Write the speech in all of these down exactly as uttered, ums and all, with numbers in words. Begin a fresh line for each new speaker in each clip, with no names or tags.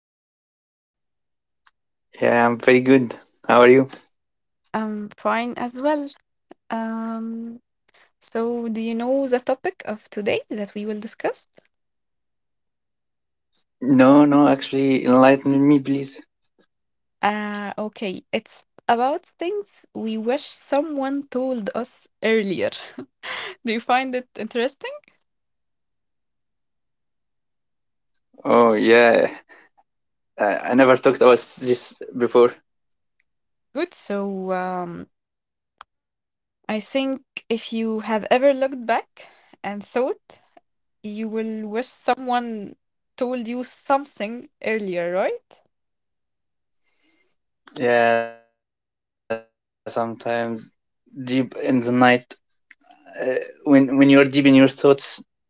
doing?
Yeah, I'm very good. How are you?
I'm fine as well. Um, so do you know the topic of today that we will discuss?
No, no, actually, enlighten me, please.
Uh, okay, it's about things we wish someone told us earlier. Do you find it interesting?
Oh, yeah. I, I never talked about this before.
Good. So, um, I think if you have ever looked back and thought, you will wish someone told you something earlier, right?
Yeah, sometimes deep in the night, uh, when when you're deep in your thoughts, you have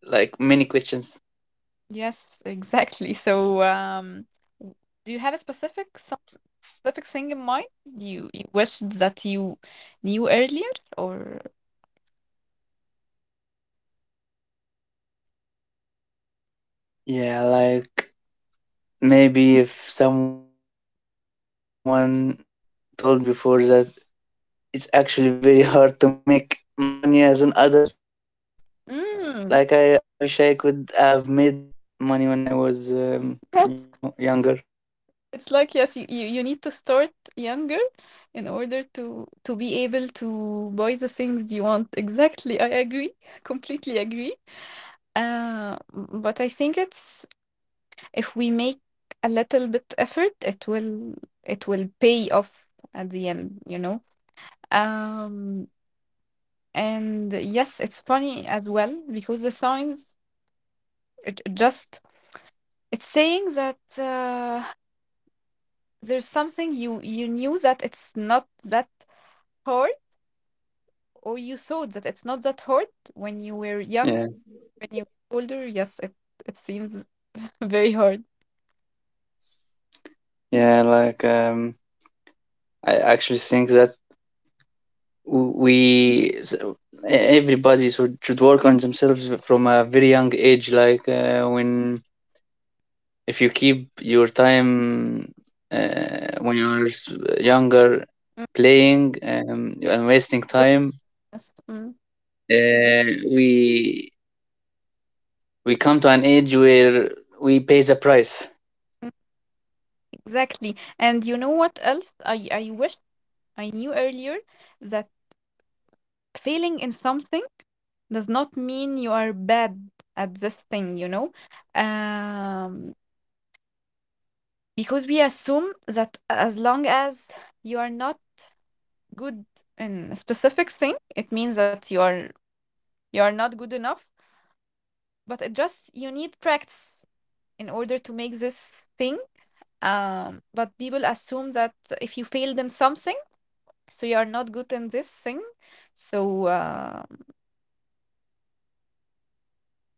like many questions.
Yes, exactly. So, um, w- do you have a specific some specific thing in mind you you wished that you knew earlier, or
Yeah, like maybe if someone told me before that it's actually very hard to make money as an adult. Like I, I wish I could have made
mm,
money when I was, um, you know, younger.
yes, it's like yes, you, you you need to start younger in order to to be able to buy the things you want. Exactly, I agree, completely agree. Uh, m- but I think it's if we make a little bit effort, it will it will pay off at the end, you know. Um, And yes, it's funny as well because the signs it, it just it's saying that uh, there's something you you knew that it's not that hard or you thought that it's not that hard when you were young,
Yeah,
when you get older. Yes, it it seems very hard.
yeah, like um, I actually think that w- we s- everybody should should work on themselves from a very young age. Like uh, when if you keep your time uh, when you're s- younger playing um, and wasting time,
Yes. mm,
uh, we we come to an age where we pay the price.
mm, Exactly. And you know what else? I I wish I knew earlier that failing in something does not mean you are bad at this thing, you know? Um,
Hmm.
because we assume that as long as you are not good in a specific thing, it means that you are you are not good enough. But it just you need practice in order to make this thing. Um, but people assume that if you failed in something, so you are not good in this thing. So uh,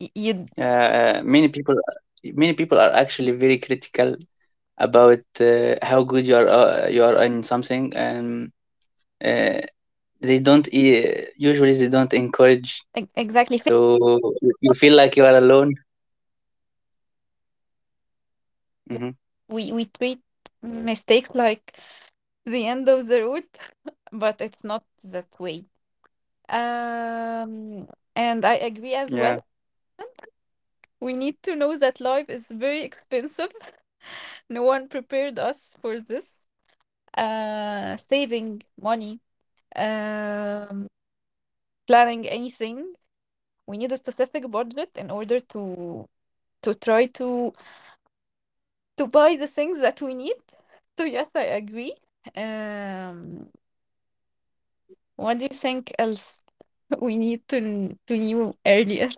y- you
uh, many people many people are actually very critical about uh, how good you are uh, you are in something, and uh, they don't e- usually they don't encourage,
e- exactly fail.
so you you feel like you are alone.
Yeah.
Hmm.
We we treat mistakes like the end of the road, but it's not that way.
Yeah.
Um, and I agree as well. We need to know that life is very expensive. No one prepared
Yeah.
us for this. Uh,
Hmm.
saving money, um, planning anything. We need a specific budget in order to to try to to buy the things that we need. So yes, I agree.
Yeah.
Um,
Mhm.
what do you think else we need to to knew earlier?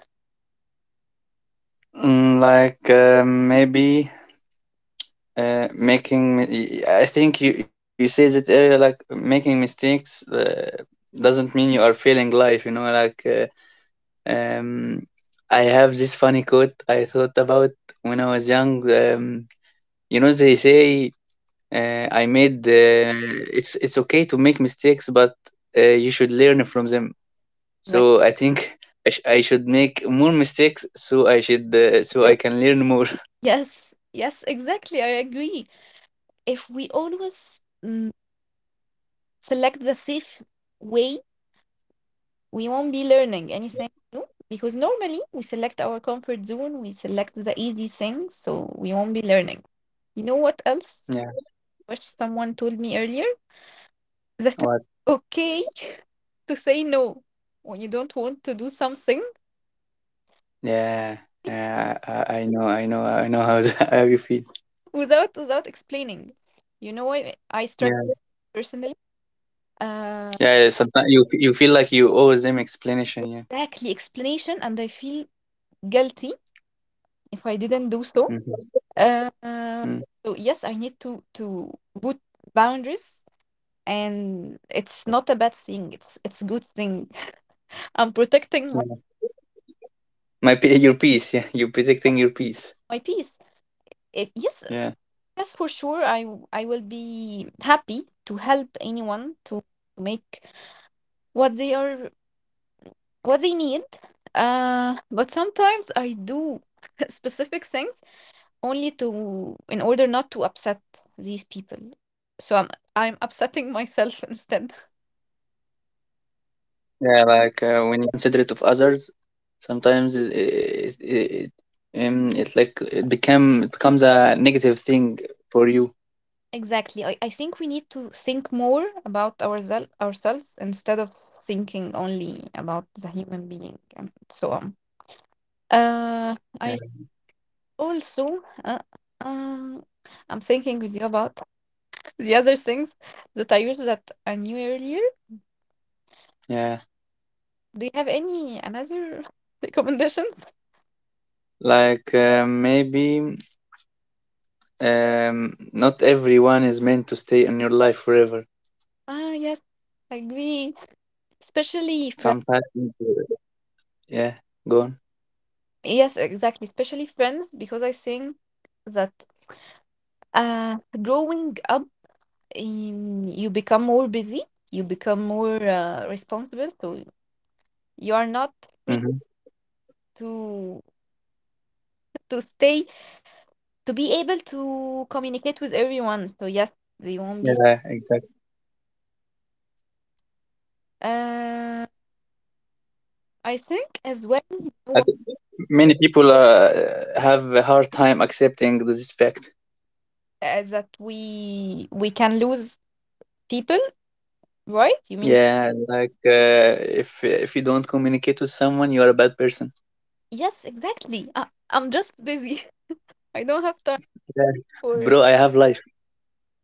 Mm, like uh, maybe uh, making mi- y- I think you you said it earlier, like making mistakes uh, doesn't mean you are failing life, you know, like uh, um I have this funny quote I thought about when I was young um You know, they say, uh, I made. Uh, it's it's okay to make mistakes, but uh, you should learn from them. So
Exactly.
I think, I, sh- I should make more mistakes, so I should, uh, so I can learn more.
Yes, yes, exactly. I agree. If we always mm, select the safe way, we won't be learning anything new because normally we select our comfort zone, we select the easy things, so we won't be learning. You know what else?
Yeah.
I wish someone told me earlier that it's
What?
okay to say no when you don't want to do something
Yeah. Yeah. I, I know. I know. I know how how you feel.
without without explaining. You know, I, I struggle
Yeah.
personally. Uh,
Yeah. Sometimes you f- you feel like you owe them explanation. Yeah.
exactly explanation, and I feel guilty if I didn't do so.
Mhm.
Uh,
Mm.
so yes, I need to to put boundaries, and it's not a bad thing. It's it's good thing. I'm protecting my,
Yeah. My pe- your peace. Yeah. You're protecting your peace.
my peace. If, yes,
Yeah.
yes, for sure. I w- I will be happy to help anyone to make what they are what they need. Uh, but sometimes I do specific things only to in order not to upset these people. So I'm
Yeah. Like
I'm
uh, when you,
upsetting myself
when
instead.
yeah, when, when you are overly considerate of others, sometimes it, it, it, it, um, it's like it become it becomes a negative thing for you.
Exactly. I, I think we need to think more about oursel ourselves instead of thinking only about the human being and so on. Uh,
Yeah,
I also uh, um I'm thinking with you about the other things that I use that I knew earlier.
yeah.
Do you have any another recommendations?
Like uh, maybe um, not everyone is meant to stay in your life forever.
Ah, yes, I agree. Especially friends.
Sometimes, yeah, go on.
Yes, exactly. Especially friends, because I think that uh growing up um, you become more busy, you become more uh, responsible. So you are not free
Hmm.
to to stay to be able to communicate with everyone. So yes, they won't be.
Yeah, exactly.
Uh, I think as well you know
I
what,
think many people uh, have a hard time accepting this fact.
uh, that we we can lose people, right? You mean
Yeah, like uh, if if you don't communicate with someone, you are a bad person.
yes, exactly. I, I'm just busy. I don't have time
Yeah,
for uh,
bro, I have life.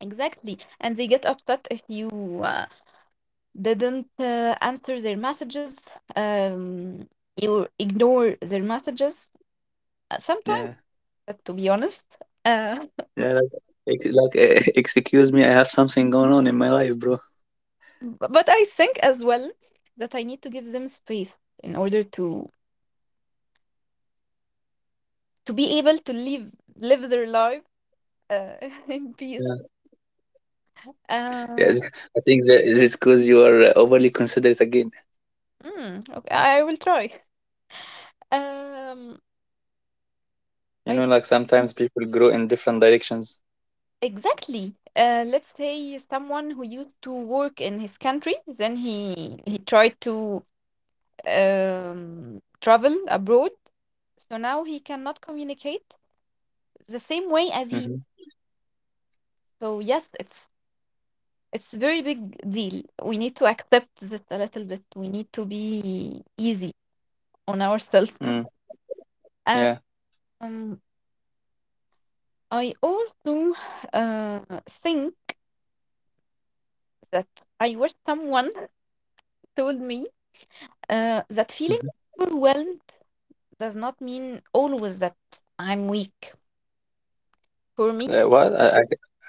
exactly, and they get upset if you. Uh, didn't uh, answer their messages, um, you ignore their messages uh, sometimes,
Yeah,
uh, to be honest. Uh, b-
yeah, like, ex like uh, excuse me, I have something going on in my life, bro.
but I think as well that I need to give them space in order to to be able to live live their life uh, in peace.
Yeah, yeah.
Uh,
th- I think that it's because you are uh, overly considerate again.
mm, okay, I will try. Um,
You
I
know, like sometimes people grow in different directions.
exactly. Uh, let's say someone who used to work in his country, then he he tried to um, travel abroad. So now he cannot communicate the same way as he.
Mm-hmm.
So yes, it's it's very big deal. We need to accept this a little bit. We need to be easy on ourselves.
Mm, yeah.
Um, I also uh, think that I wish someone told me uh, that feeling
Mm-hmm.
overwhelmed does not mean always that I'm weak. For me,
Uh, what? I, I,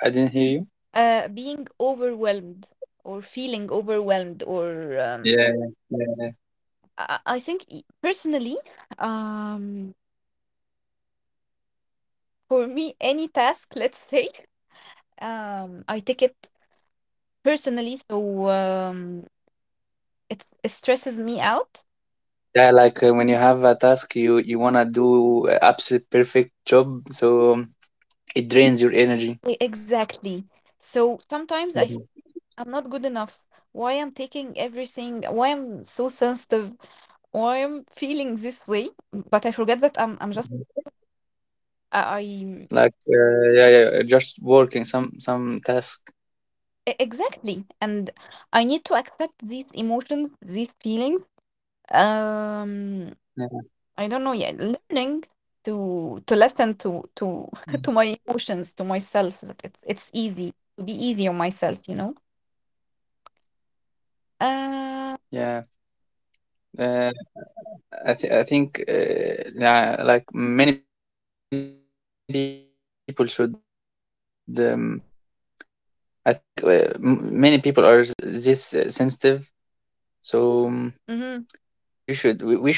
I didn't hear you.
uh, being overwhelmed or feeling overwhelmed, or um,
Yeah, yeah,
I, I think e- personally, um, for me, any task, let's say, um, I take it personally, so um, it's, it stresses me out.
yeah. Like uh, when you have a task, you you wanna do a absolute perfect job, so um, it drains your energy.
E- Exactly. So sometimes I feel
Mhm.
I'm not good enough. Why I'm taking everything? Why I'm so sensitive? Why I'm feeling this way? But I forget that I'm I'm just I. I
Like uh, yeah, yeah, uh, just working some some task.
E- Exactly. And I need to accept
Yeah.
these emotions, these feelings. Um, I don't know, yeah,
Mhm.
learning to to listen to to to my emotions, to myself. That It's it's easy to be easy on myself, you know. Uh,
Yeah. Uh, I th I think, uh, yeah, like many people should. Um, I think, uh, m many people are s- this uh, sensitive, so, um,
mhm.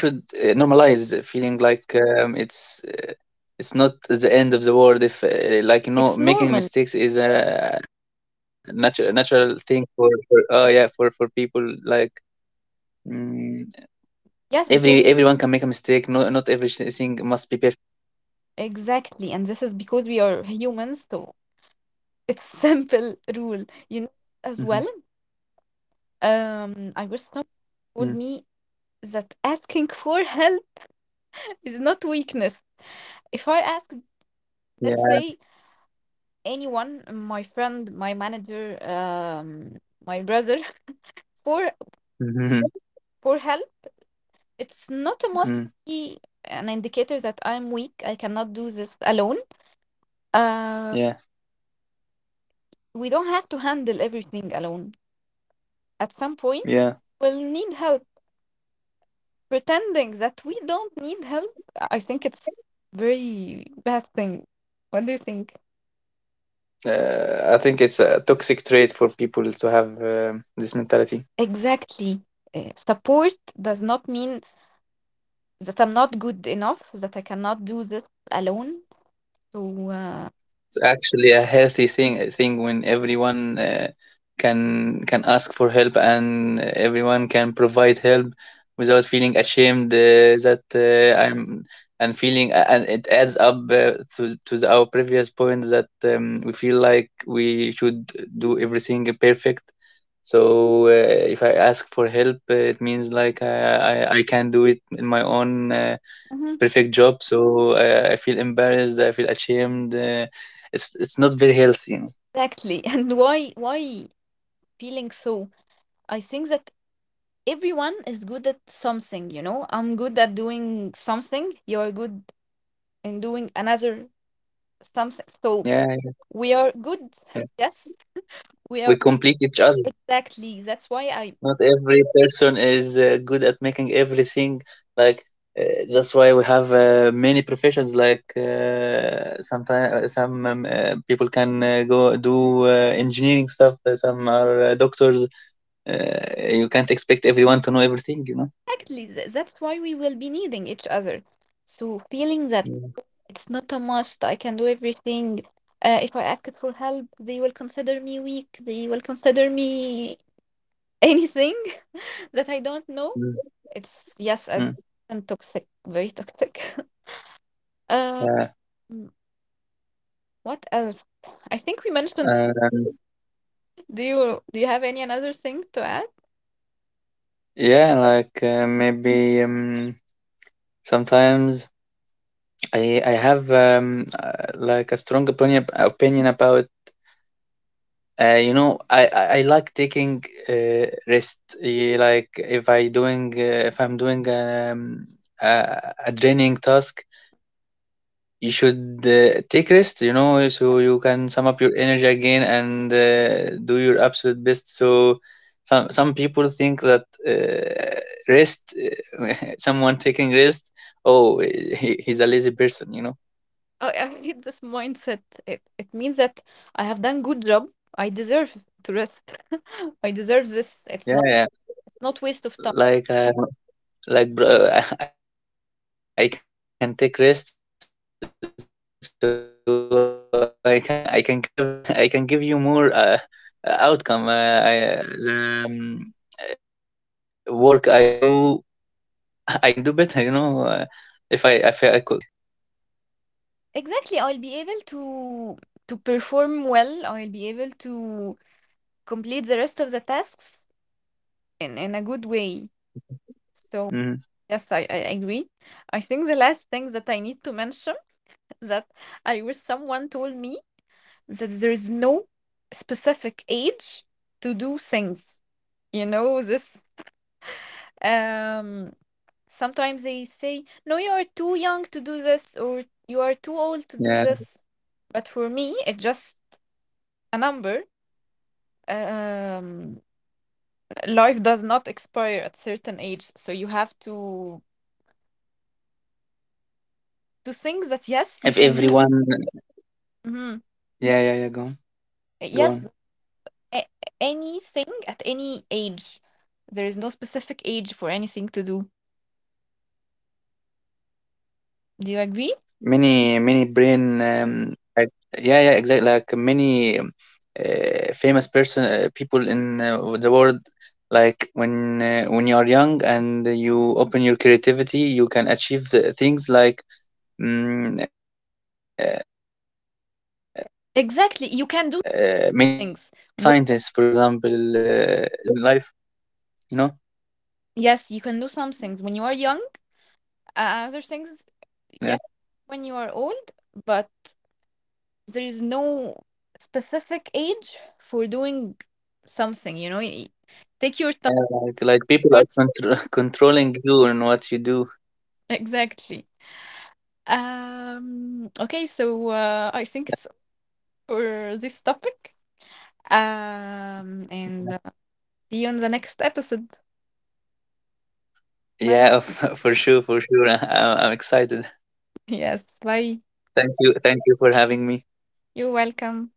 yeah, you should. We, we should, uh, normalize feeling like, um, it's it's not the
It's
end of the
normal.
world. If, uh, like you know, making mistakes is a natural natural thing for for uh, yeah, for for people like,
Yes,
mm,
because we
every everyone can make a mistake. No, not everything must be perfect.
exactly, and this is because we are humans, so it's simple rule, you know, as well.
Hmm.
Um, I wish someone told me that
Mm.
asking for help is not weakness if I ask let's say
Yeah.
anyone my friend my manager um my brother for for help
Mhm.
it's not a must to be an
Mm.
indicator that I'm weak I cannot do this alone uh
Yeah.
we don't have to handle everything alone at some point we'll
Yeah.
need help pretending that we don't need help I think it's very bad thing what do you think
Uh, I think it's a toxic trait for people to have um this mentality.
exactly. Uh, support does not mean that I'm not good enough that I cannot do this alone. So, uh,
It's actually a healthy thing. I think when everyone, uh, can can ask for help, and uh, everyone can provide help without feeling ashamed, uh, that uh, I'm and feeling and it adds up, uh, to to the, our previous point that, um, we feel like we should do everything perfect. So uh, if I ask for help, uh, it means like uh, I I can do it in my own. Uh,
mhm.
perfect job. So uh, I feel embarrassed. I feel ashamed. Uh, it's it's not very healthy. You know?
Exactly. And why why feeling so? I think that everyone is good at something, you know. I'm good at doing something, you're good in doing another something. So
Yeah,
we are good.
yeah.
Yes, we
We
are
complete each other.
exactly. That's why I
Not every person is uh, good at making everything. Like uh, that's why we have uh, many professions. Like uh, sometimes some um, uh, people can uh, go do uh, engineering stuff. uh, Some are uh, doctors. Uh, you can't expect everyone to know everything. You know.
exactly th- that's why we will be needing each other. So feeling that
Yeah.
it's not a must, I can do everything. Uh, if I ask it for help, they will consider me weak. They will consider me anything that I don't know.
Mm.
It's yes, as
Mm.
and toxic, very toxic. Um,
Yeah.
what else? I think we mentioned.
Uh,
Do you do you have any another thing to add?
yeah, like uh, maybe um, sometimes I I have um, uh, like a strong opinion opinion about uh, you know, I, I I like taking, uh, rest, eh, like if I doing, uh, if I'm doing, um, a, a draining task, you should, uh, take rest, you know, so you can sum up your energy again, and uh, do your absolute best, so some some people think that, uh, rest, uh, someone taking rest, oh, he, he's a lazy person, you know.
Oh, I hate this mindset. It it means that I have done good job. I deserve to rest. I deserve
Yeah,
this.
yeah.
It's not it's not waste of time.
Like uh, like bro, I can take rest so I can I can give I can give you more, uh, outcome, uh, I, the um, work I do I can do better, you know. Uh, if I if I co- constantly work and work and working, uh, I, I I will be draining out of energy.
Exactly. I'll be able to to perform well. I'll be able to complete the rest of the tasks in in a good way. So
Mhm.
yes, I, I agree. I think the last thing that I need to mention is that I wish someone told me that there is no specific age to do things. You know, this um
Yeah,
sometimes they say, no, you are too young to do this or you are too old to do this. But for me, it's just
yeah.
a number. Um, life does not expire at certain age, so you have to to think that yes, you
If
can do.
everyone,
Mhm.
yeah, yeah, yeah. Go on, go
Yes,
on.
a- anything at any age. There is no specific age for anything to do.
Many
Do you
many
agree?
brain, um, like, yeah, yeah, exactly. Like many um, uh, famous person, uh, people in, uh, the world. Like when, uh, when you are young and you open your creativity, you can achieve the things like, mm, uh, many scientists, for example, uh, they
Exactly. You can do
they do
things.
it
When,
from from an early age in life. You know,
yes, you can do some things when you are young. Uh, other things, yes,
yeah,
when you are old. But there is no specific age for doing something. You know, Y- take your time.
uh, like like people are
towards-
contr- controlling you and what you do.
Exactly. Um. Okay. So uh, I think it's all for this topic. Um. And uh, see you in the next episode. Bye.
Yeah, for sure, for sure. I, I'm excited.
Yes, bye.
Thank you, thank you for having me.
You're welcome.